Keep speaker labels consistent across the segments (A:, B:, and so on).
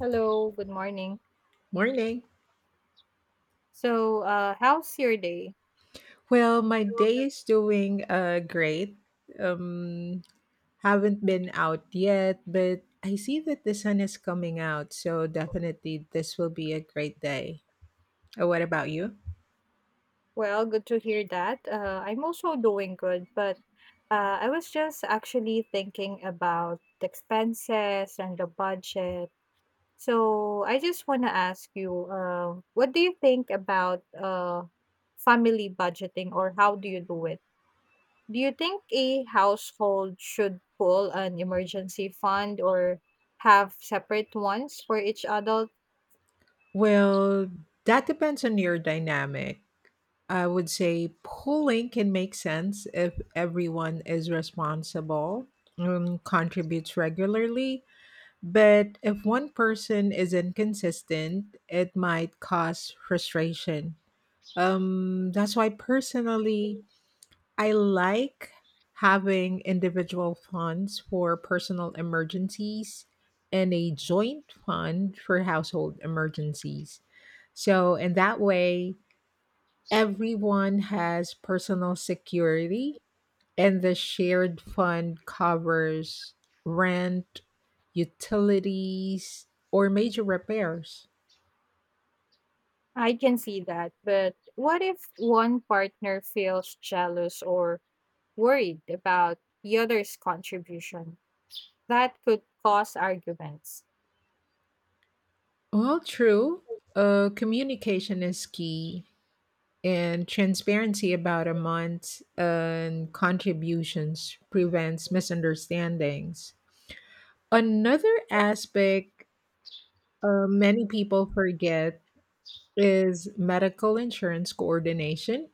A: Hello, good morning.
B: Morning.
A: So, how's your day?
B: Well, my day is doing great. Um haven't been out yet, but I see that the sun is coming out, so definitely this will be a great day. What about you?
A: Well, good to hear that. I'm also doing good, but I was just actually thinking about the expenses and the budget. So, I just want to ask you, what do you think about family budgeting or how do you do it? Do you think a household should pull an emergency fund or have separate ones for each adult?
B: Well, that depends on your dynamic. I would say polling can make sense if everyone is responsible and contributes regularly. But if one person is inconsistent, it might cause frustration. That's why personally, I like having individual funds for personal emergencies and a joint fund for household emergencies. So, in that way, everyone has personal security, and the shared fund covers rent, utilities, or major repairs.
A: I can see that, but what if one partner feels jealous or worried about the other's contribution? That could cause arguments.
B: Well, true. Communication is key, and transparency about amounts and contributions prevents misunderstandings. Another aspect, many people forget, is medical insurance coordination.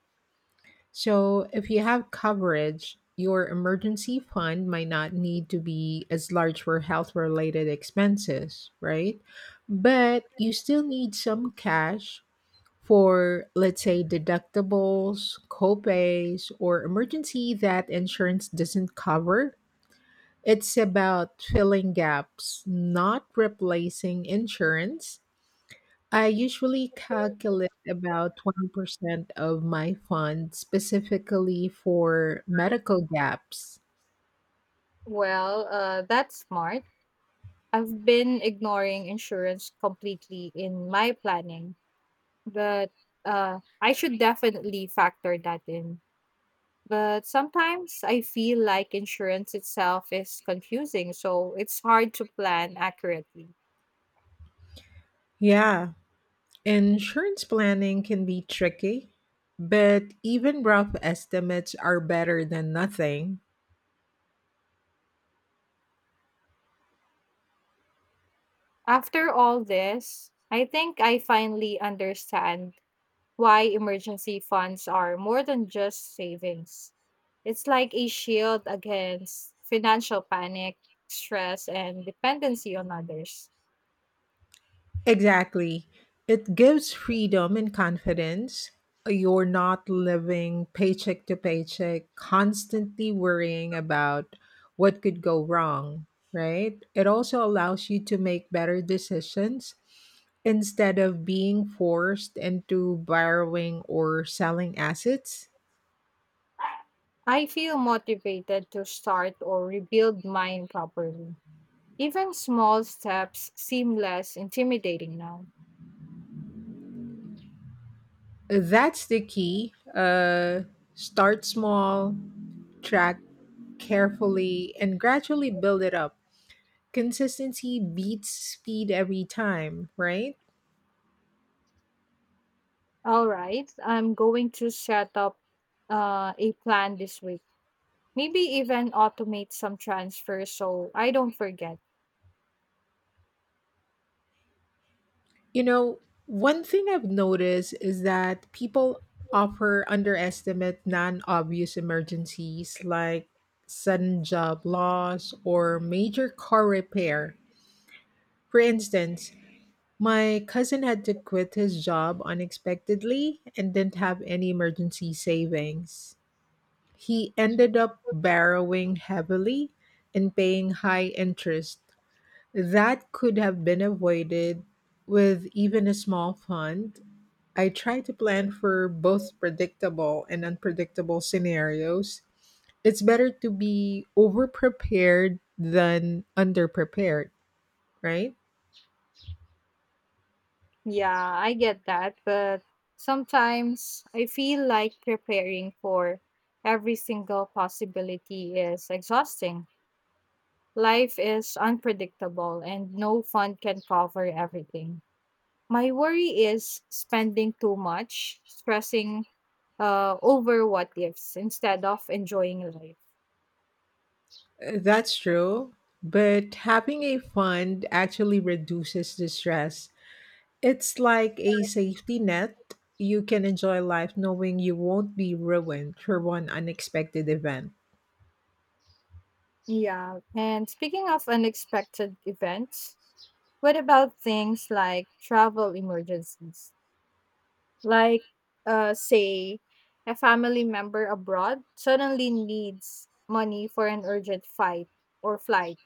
B: So, if you have coverage, your emergency fund might not need to be as large for health related expenses, right? But you still need some cash for, let's say, deductibles, copays, or emergency that insurance doesn't cover. It's about filling gaps, not replacing insurance. I usually calculate about 20% of my fund specifically for medical gaps.
A: Well, that's smart. I've been ignoring insurance completely in my planning, but I should definitely factor that in. But sometimes I feel like insurance itself is confusing, so it's hard to plan accurately.
B: Yeah, insurance planning can be tricky, but even rough estimates are better than nothing.
A: After all this, I think I finally understand why emergency funds are more than just savings. It's like a shield against financial panic, stress, and dependency on others.
B: Exactly. It gives freedom and confidence. You're not living paycheck to paycheck, constantly worrying about what could go wrong, right? It also allows you to make better decisions instead of being forced into borrowing or selling assets.
A: I feel motivated to start or rebuild mine properly. Even small steps seem less intimidating now.
B: That's the key. Start small, track carefully, and gradually build it up. Consistency beats speed every time, right?
A: All right, I'm going to set up a plan this week. Maybe even automate some transfers so I don't forget.
B: You know, one thing I've noticed is that people offer underestimate non obvious emergencies like sudden job loss or major car repair. For instance, my cousin had to quit his job unexpectedly and didn't have any emergency savings. He ended up borrowing heavily and paying high interest. That could have been avoided with even a small fund. I try to plan for both predictable and unpredictable scenarios. It's better to be overprepared than underprepared, right?
A: Yeah, I get that, but sometimes I feel like preparing for every single possibility is exhausting. Life is unpredictable and no fund can cover everything. My worry is spending too much, stressing over what ifs instead of enjoying life.
B: That's true. But having a fund actually reduces the stress. It's like a safety net. You can enjoy life knowing you won't be ruined for one unexpected event.
A: Yeah, and speaking of unexpected events, what about things like travel emergencies? Like, say, a family member abroad suddenly needs money for an urgent fight or flight?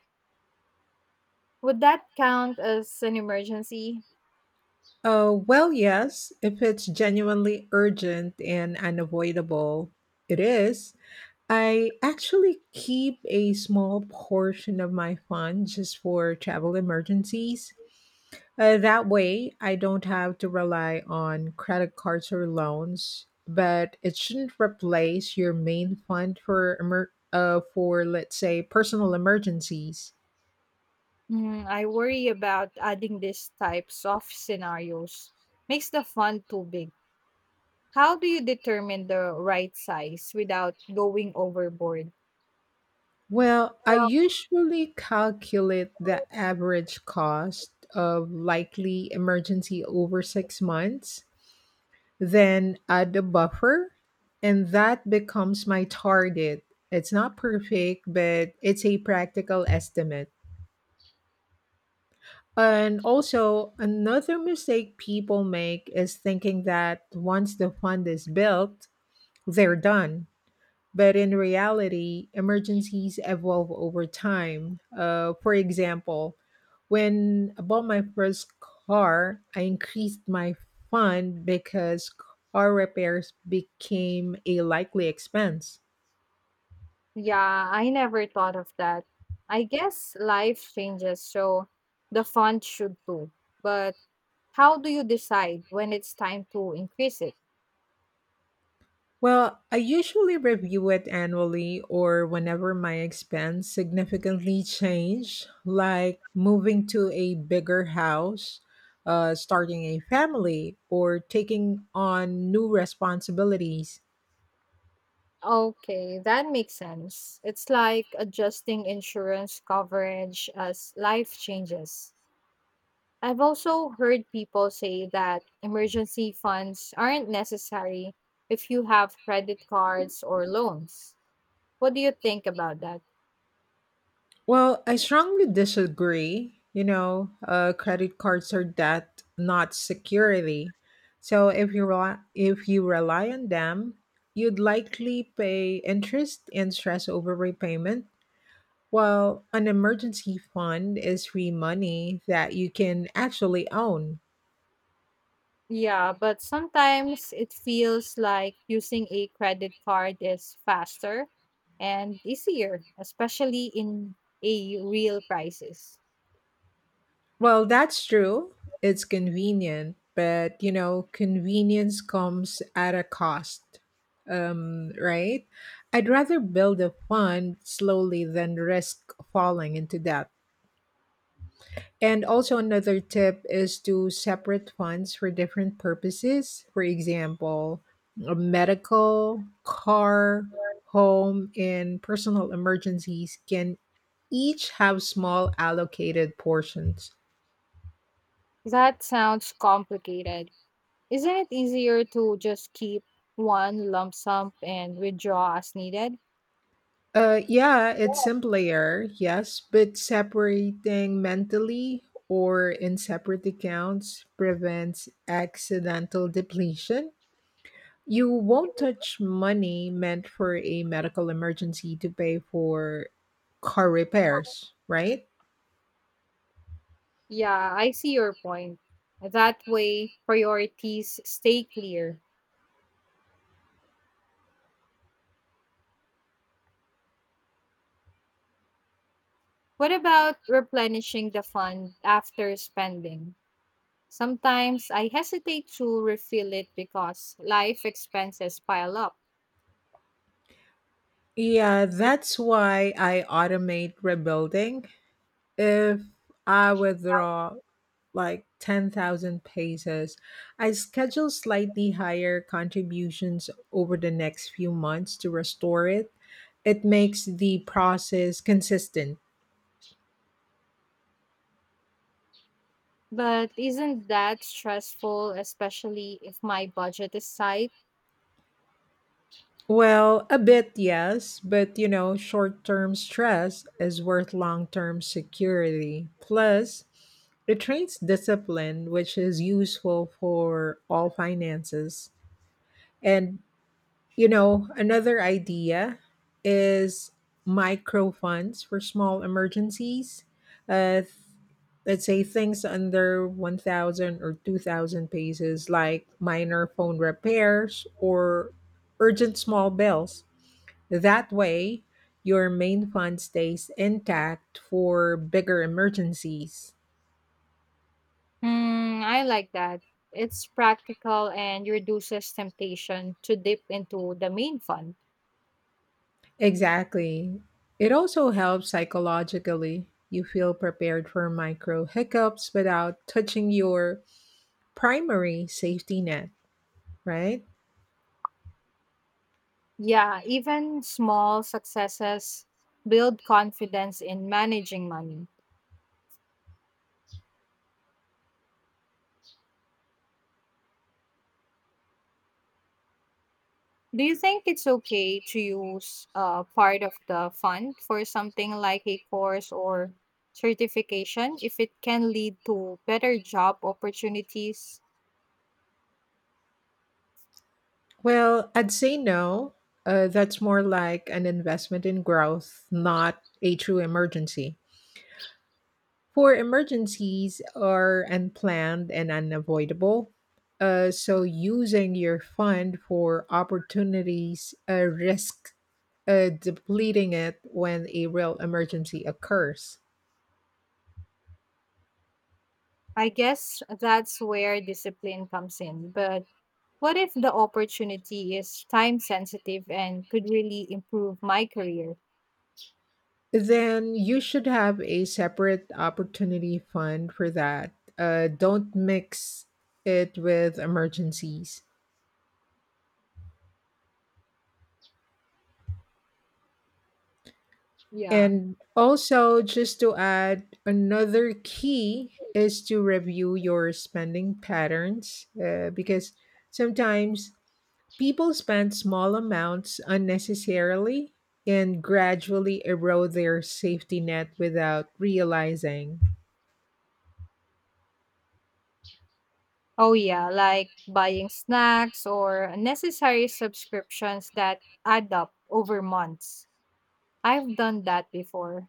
A: Would that count as an emergency?
B: Well, yes, if it's genuinely urgent and unavoidable, it is. I actually keep a small portion of my fund just for travel emergencies. That way, I don't have to rely on credit cards or loans, but it shouldn't replace your main fund for for let's say personal emergencies.
A: Hmm, I worry about adding these types of scenarios makes the fund too big. How do you determine the right size without going overboard?
B: Well, I usually calculate the average cost of likely emergency over 6 months, then add the buffer, and that becomes my target. It's not perfect, but it's a practical estimate. And also, another mistake people make is thinking that once the fund is built, they're done. But in reality, emergencies evolve over time. For example, when I bought my first car, I increased my fund because car repairs became a likely expense.
A: Yeah, I never thought of that. I guess life changes, so the fund should too. But how do you decide when it's time to increase it?
B: Well, I usually review it annually or whenever my expense significantly change, like moving to a bigger house, starting a family, or taking on new responsibilities.
A: Okay, that makes sense. It's like adjusting insurance coverage as life changes. I've also heard people say that emergency funds aren't necessary if you have credit cards or loans. What do you think about that?
B: Well, I strongly disagree. You know, credit cards are debt, not security. So if you rely on them, you'd likely pay interest and stress over repayment. Well, an emergency fund is free money that you can actually own.
A: Yeah, but sometimes it feels like using a credit card is faster and easier, especially in a real crisis.
B: Well, that's true. It's convenient, but you know, convenience comes at a cost. Right? I'd rather build a fund slowly than risk falling into debt. And also, another tip is to separate funds for different purposes. For example, a medical, car, home, and personal emergencies can each have small allocated portions.
A: That sounds complicated. Isn't it easier to just keep one lump sum and withdraw as needed?
B: Yeah, it's simpler, yes, but separating mentally or in separate accounts prevents accidental depletion. You won't touch money meant for a medical emergency to pay for car repairs, right?
A: Yeah, I see your point. That way, priorities stay clear. What about replenishing the fund after spending? Sometimes I hesitate to refill it because life expenses pile up.
B: Yeah, that's why I automate rebuilding. If I withdraw like 10,000 pesos, I schedule slightly higher contributions over the next few months to restore it. It makes the process consistent.
A: But isn't that stressful, especially if my budget is tight?
B: Well, a bit, yes, but you know, short term stress is worth long term security. Plus, it trains discipline, which is useful for all finances. And you know, another idea is micro funds for small emergencies. Uh, let's say things under 1,000 or 2,000 pesos, like minor phone repairs or urgent small bills. That way, your main fund stays intact for bigger emergencies.
A: Hmm, I like that. It's practical and reduces temptation to dip into the main fund.
B: Exactly. It also helps psychologically. You feel prepared for micro hiccups without touching your primary safety net, right?
A: Yeah, even small successes build confidence in managing money. Do you think it's okay to use part of the fund for something like a course or certification if it can lead to better job opportunities?
B: Well, I'd say no. That's more like an investment in growth, not a true emergency. For emergencies are unplanned and unavoidable. So using your fund for opportunities risk depleting it when a real emergency occurs.
A: I guess that's where discipline comes in. But what if the opportunity is time sensitive and could really improve my career?
B: Then you should have a separate opportunity fund for that. Don't mix it with emergencies.
A: Yeah.
B: And also, just to add, another key is to review your spending patterns, because sometimes people spend small amounts unnecessarily and gradually erode their safety net without realizing.
A: Oh, yeah, like buying snacks or necessary subscriptions that add up over months. I've done that before.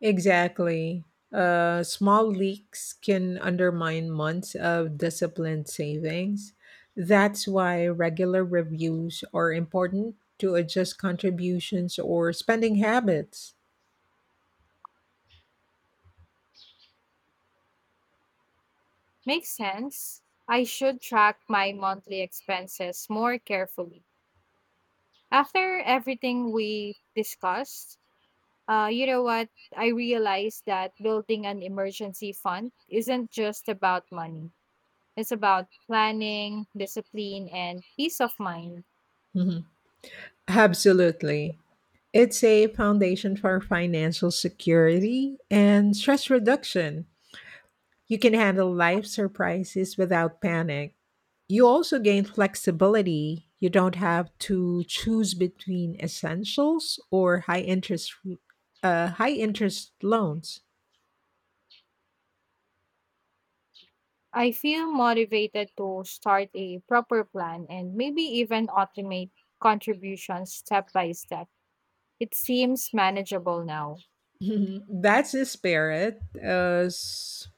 B: Exactly. Small leaks can undermine months of disciplined savings. That's why regular reviews are important to adjust contributions or spending habits.
A: Makes sense. I should track my monthly expenses more carefully. After everything we discussed, you know what? I realized that building an emergency fund isn't just about money, it's about planning, discipline, and peace of mind.
B: Mhm. Absolutely. It's a foundation for financial security and stress reduction. You can handle life surprises without panic. You also gain flexibility. You don't have to choose between essentials or high interest loans.
A: I feel motivated to start a proper plan and maybe even automate contributions step by step. It seems manageable now.
B: That's the spirit. Uh, s-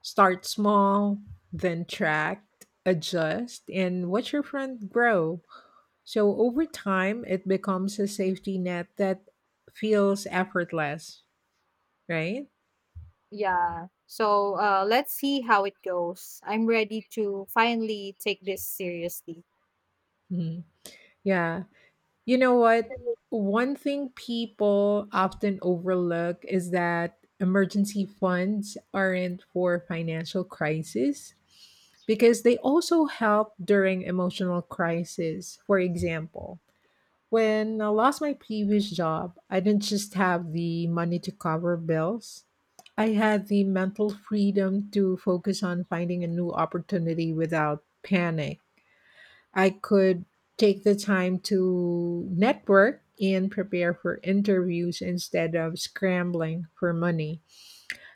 B: start small, then track, adjust, and watch your fund grow. So over time, it becomes a safety net that feels effortless, right?
A: Yeah. So, let's see how it goes. I'm ready to finally take this seriously.
B: Mhm. Yeah. You know what? One thing people often overlook is that emergency funds aren't for financial crisis because they also help during emotional crisis. For example, when I lost my previous job, I didn't just have the money to cover bills. I had the mental freedom to focus on finding a new opportunity without panic. I could take the time to network and prepare for interviews instead of scrambling for money.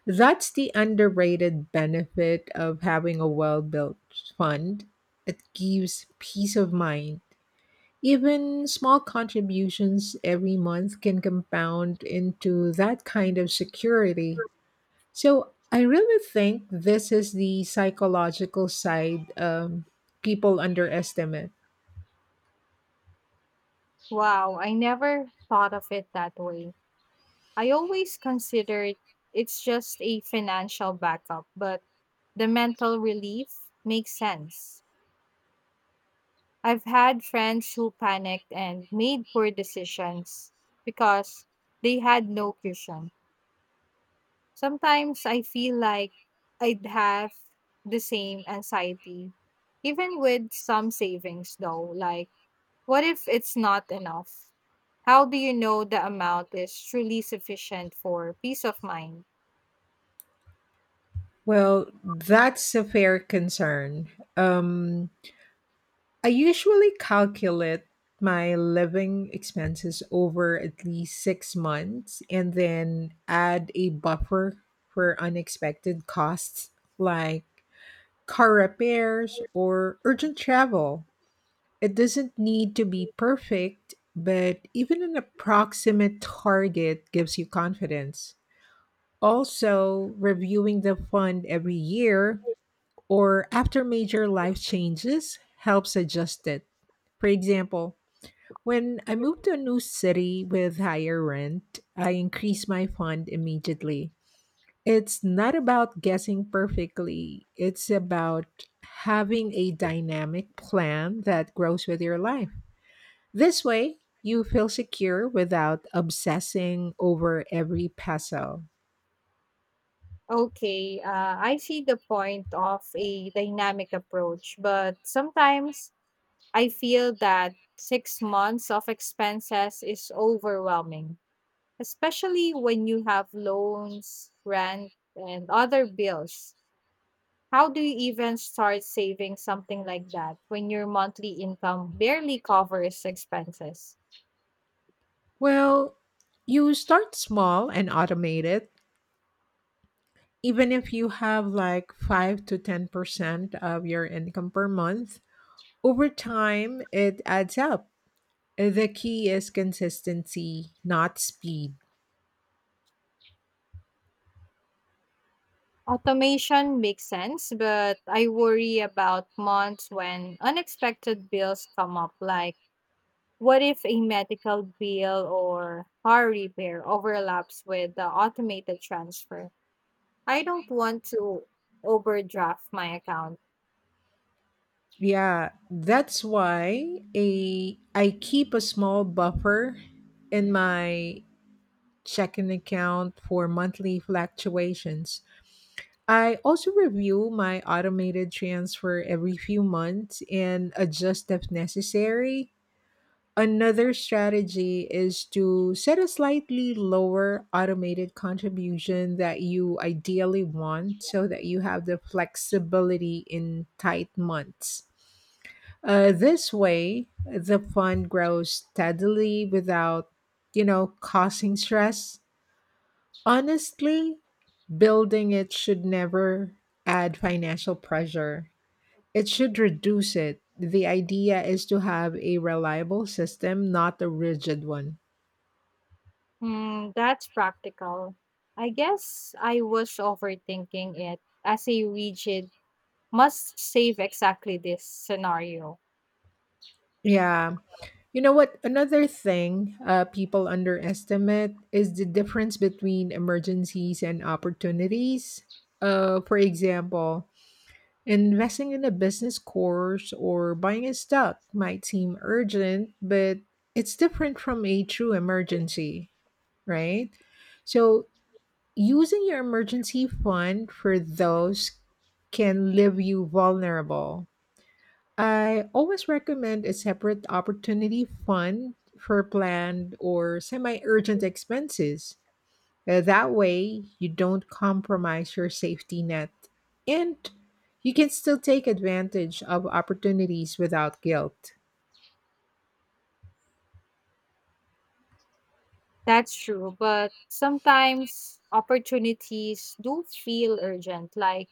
B: That's the underrated benefit of having a well built fund. It gives peace of mind. Even small contributions every month can compound into that kind of security. So, I really think this is the psychological side people underestimate.
A: Wow, I never thought of it that way. I always considered it's just a financial backup, but the mental relief makes sense. I've had friends who panicked and made poor decisions because they had no cushion. Sometimes I feel like I'd have the same anxiety, even with some savings though. Like, what if it's not enough? How do you know the amount is truly sufficient for peace of mind?
B: Well, that's a fair concern. Um, I usually calculate my living expenses over at least 6 months and then add a buffer for unexpected costs like car repairs or urgent travel. It doesn't need to be perfect, but even an approximate target gives you confidence. Also, reviewing the fund every year or after major life changes helps adjust it. For example, when I moved to a new city with higher rent, I increased my fund immediately. It's not about guessing perfectly, it's about having a dynamic plan that grows with your life. This way, you feel secure without obsessing over every peso.
A: Okay, I see the point of a dynamic approach, but sometimes I feel that 6 months of expenses is overwhelming, especially when you have loans, rent, and other bills. How do you even start saving something like that when your monthly income barely covers expenses?
B: Well, you start small and automate it even if you have like 5 to 10% of your income per month, over time it adds up. The key is consistency, not speed.
A: Automation makes sense, but I worry about months when unexpected bills come up, like what if a medical bill or car repair overlaps with the automated transfer? I don't want to overdraft my account.
B: Yeah, that's why a I keep a small buffer in my checking account for monthly fluctuations. I also review my automated transfer every few months and adjust if necessary. Another strategy is to set a slightly lower automated contribution that you ideally want so that you have the flexibility in tight months. This way, the fund grows steadily without, you know, causing stress. Honestly, building it should never add financial pressure. It should reduce it. The idea is to have a reliable system, not a rigid one.
A: Hmm, that's practical. I guess I was overthinking it as a rigid must save exactly this scenario.
B: Yeah. You know what? Another thing, people underestimate is the difference between emergencies and opportunities. For example, investing in a business course or buying a stock might seem urgent, but it's different from a true emergency, right? So, using your emergency fund for those can leave you vulnerable. I always recommend a separate opportunity fund for planned or semi urgent expenses. That way, you don't compromise your safety net and you can still take advantage of opportunities without guilt.
A: That's true, but sometimes opportunities do feel urgent, like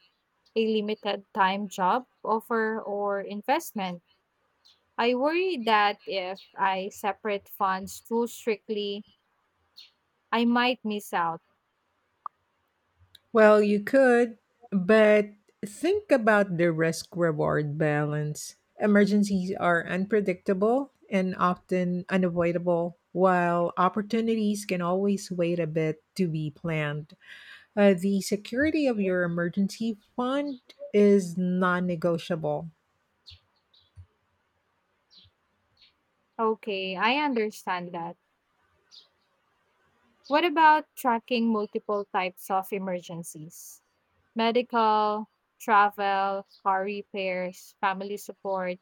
A: a limited time job offer or investment. I worry that if I separate funds too strictly, I might miss out.
B: Well, you could, but think about the risk reward balance. Emergencies are unpredictable and often unavoidable, while opportunities can always wait a bit to be planned. The security of your emergency fund is non negotiable.
A: Okay, I understand that. What about tracking multiple types of emergencies? Medical, travel, car repairs, family support.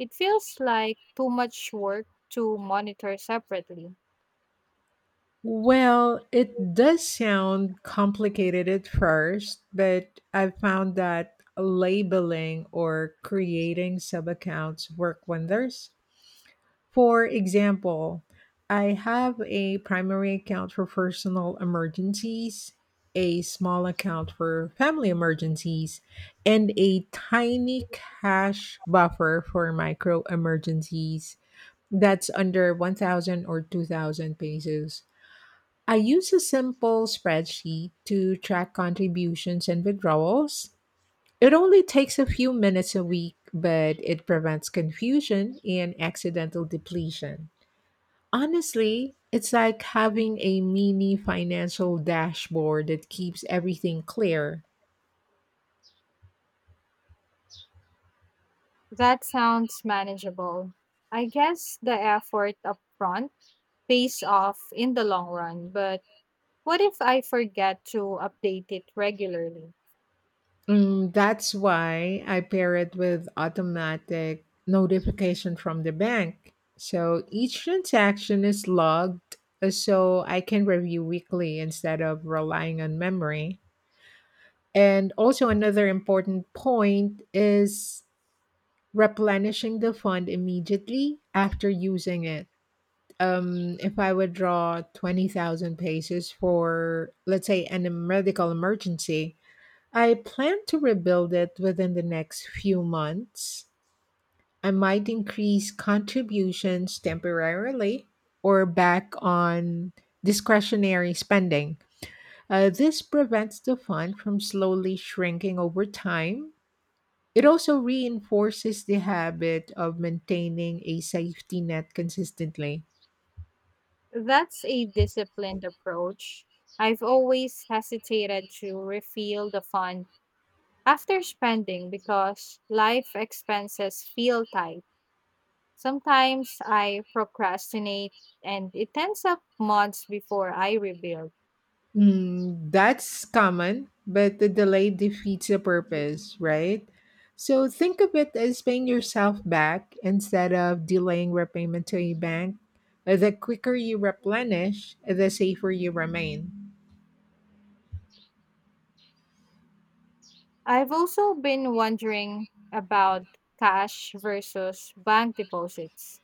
A: It feels like too much work to monitor separately.
B: Well, it does sound complicated at first, but I've found that labeling or creating sub accounts work wonders. For example, I have a primary account for personal emergencies, a small account for family emergencies, and a tiny cash buffer for micro emergencies that's under 1,000 or 2,000 pesos. I use a simple spreadsheet to track contributions and withdrawals. It only takes a few minutes a week, but it prevents confusion and accidental depletion. Honestly, it's like having a mini financial dashboard that keeps everything clear.
A: That sounds manageable. I guess the effort upfront pays off in the long run, but what if I forget to update it regularly?
B: Mm, that's why I pair it with automatic notification from the bank. So each transaction is logged, so I can review weekly instead of relying on memory. And also, another important point is replenishing the fund immediately after using it. If I would draw 20,000 pages for, let's say, medical emergency, I plan to rebuild it within the next few months. I might increase contributions temporarily or back on discretionary spending. This prevents the fund from slowly shrinking over time. It also reinforces the habit of maintaining a safety net consistently.
A: That's a disciplined approach. I've always hesitated to refill the fund after spending, because life expenses feel tight, sometimes I procrastinate and it ends up months before I rebuild.
B: Mm, that's common, but the delay defeats the purpose, right? So think of it as paying yourself back instead of delaying repayment to a bank. The quicker you replenish, the safer you remain.
A: I've also been wondering about cash versus bank deposits.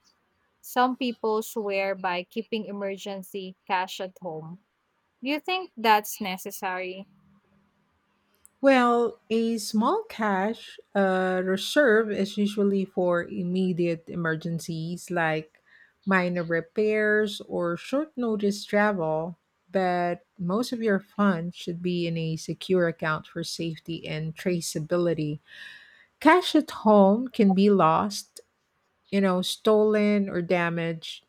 A: Some people swear by keeping emergency cash at home. Do you think that's necessary?
B: Well, a small cash reserve is usually for immediate emergencies like minor repairs or short notice travel, but most of your funds should be in a secure account for safety and traceability. Cash at home can be lost, stolen or damaged.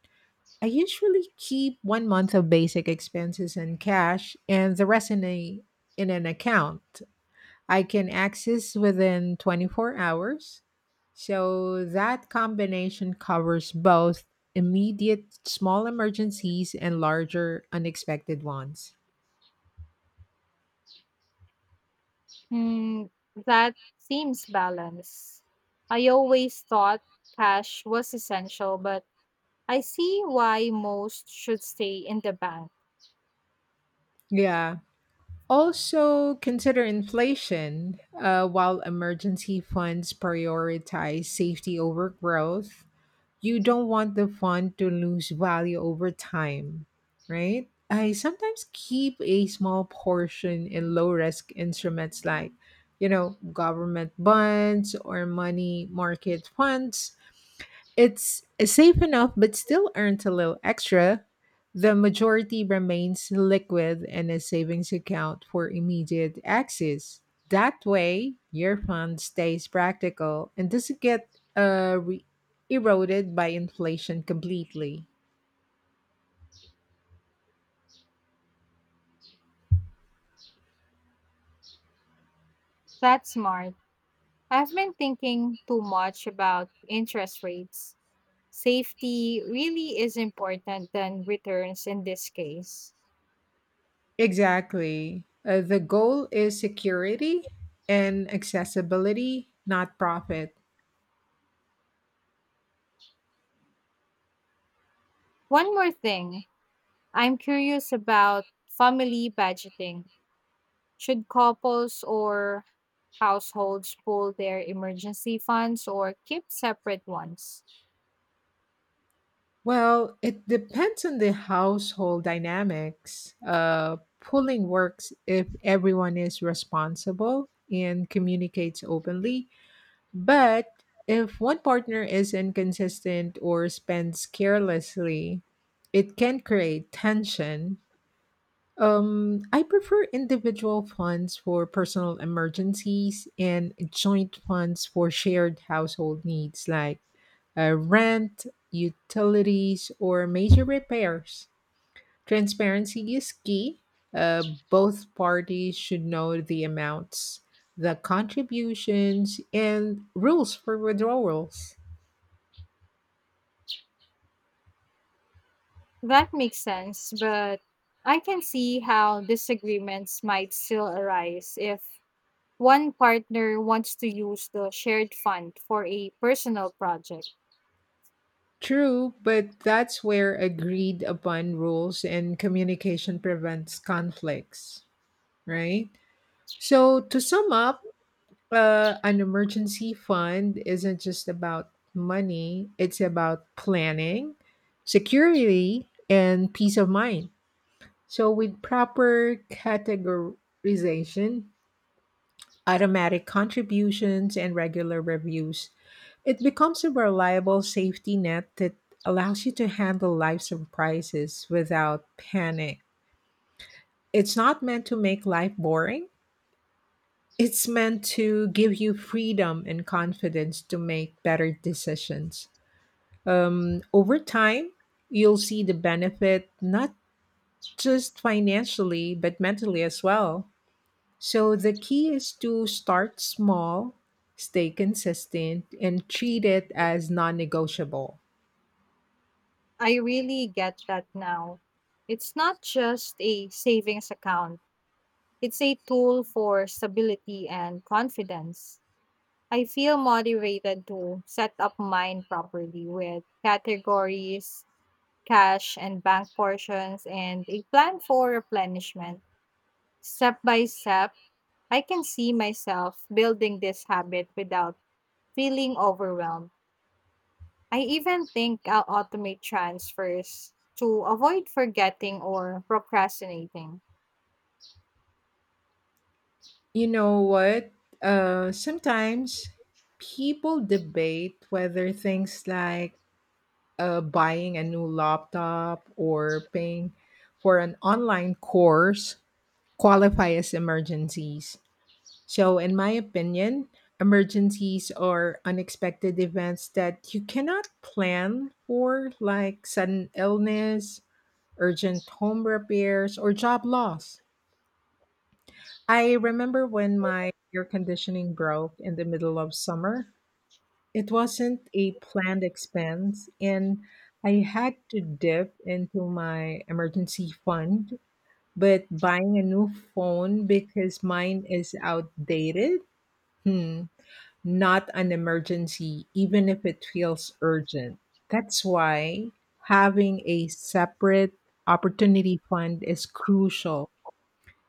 B: I usually keep 1 month of basic expenses in cash and the rest in an account I can access within 24 hours. So that combination covers both immediate small emergencies and larger unexpected ones.
A: Hmm, that seems balanced. I always thought cash was essential, but I see why most should stay in the bank.
B: Yeah. Also consider inflation. While emergency funds prioritize safety over growth, you don't want the fund to lose value over time, right? I sometimes keep a small portion in low risk instruments like, government bonds or money market funds it's safe enough but still earns a little extra. The majority remains liquid in a savings account for immediate access. That way, your fund stays practical and doesn't get uh, re- eroded by inflation completely.
A: That's smart. I've been thinking too much about interest rates. Safety really is important than returns in this case.
B: Exactly. The goal is security and accessibility, not profit.
A: One more thing, I'm curious about family budgeting. Should couples or households pool their emergency funds or keep separate ones?
B: Well, it depends on the household dynamics. Pooling works if everyone is responsible and communicates openly, but if one partner is inconsistent or spends carelessly, it can create tension I prefer individual funds for personal emergencies and joint funds for shared household needs like rent, utilities, or major repairs. Transparency is key. Uh, Both parties should know the amounts, the contributions, and rules for withdrawals.
A: That makes sense, but I can see how disagreements might still arise if one partner wants to use the shared fund for a personal project.
B: True, but that's where agreed upon rules and communication prevents conflicts, right? So, to sum up, an emergency fund isn't just about money, it's about planning, security, and peace of mind. So, with proper categorization, automatic contributions, and regular reviews, it becomes a reliable safety net that allows you to handle life surprises without panic. It's not meant to make life boring. It's meant to give you freedom and confidence to make better decisions. Over time, you'll see the benefit not just financially, but mentally as well. So the key is to start small, stay consistent, and treat it as non negotiable.
A: I really get that now. It's not just a savings account, it's a tool for stability and confidence. I feel motivated to set up mine properly with categories, cash and bank portions, and a plan for replenishment. Step by step, I can see myself building this habit without feeling overwhelmed. I even think I'll automate transfers to avoid forgetting or procrastinating.
B: You know what? Sometimes people debate whether things like buying a new laptop or paying for an online course qualify as emergencies. So, in my opinion, emergencies are unexpected events that you cannot plan for, like sudden illness, urgent home repairs, or job loss. I remember when my air conditioning broke in the middle of summer. It wasn't a planned expense, and I had to dip into my emergency fund. But buying a new phone because mine is outdated? Hmm, not an emergency, even if it feels urgent. That's why having a separate opportunity fund is crucial.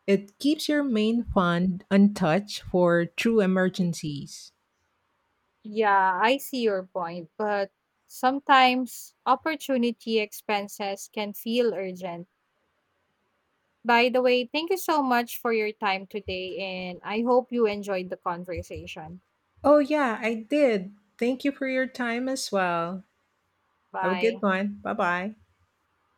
B: It keeps your main fund untouched for true emergencies.
A: Yeah, I see your point, but sometimes opportunity expenses can feel urgent. By the way, thank you so much for your time today, and I hope you enjoyed the conversation.
B: Oh, yeah, I did. Thank you for your time as well. Have a good
A: Bye.
B: one. Bye bye.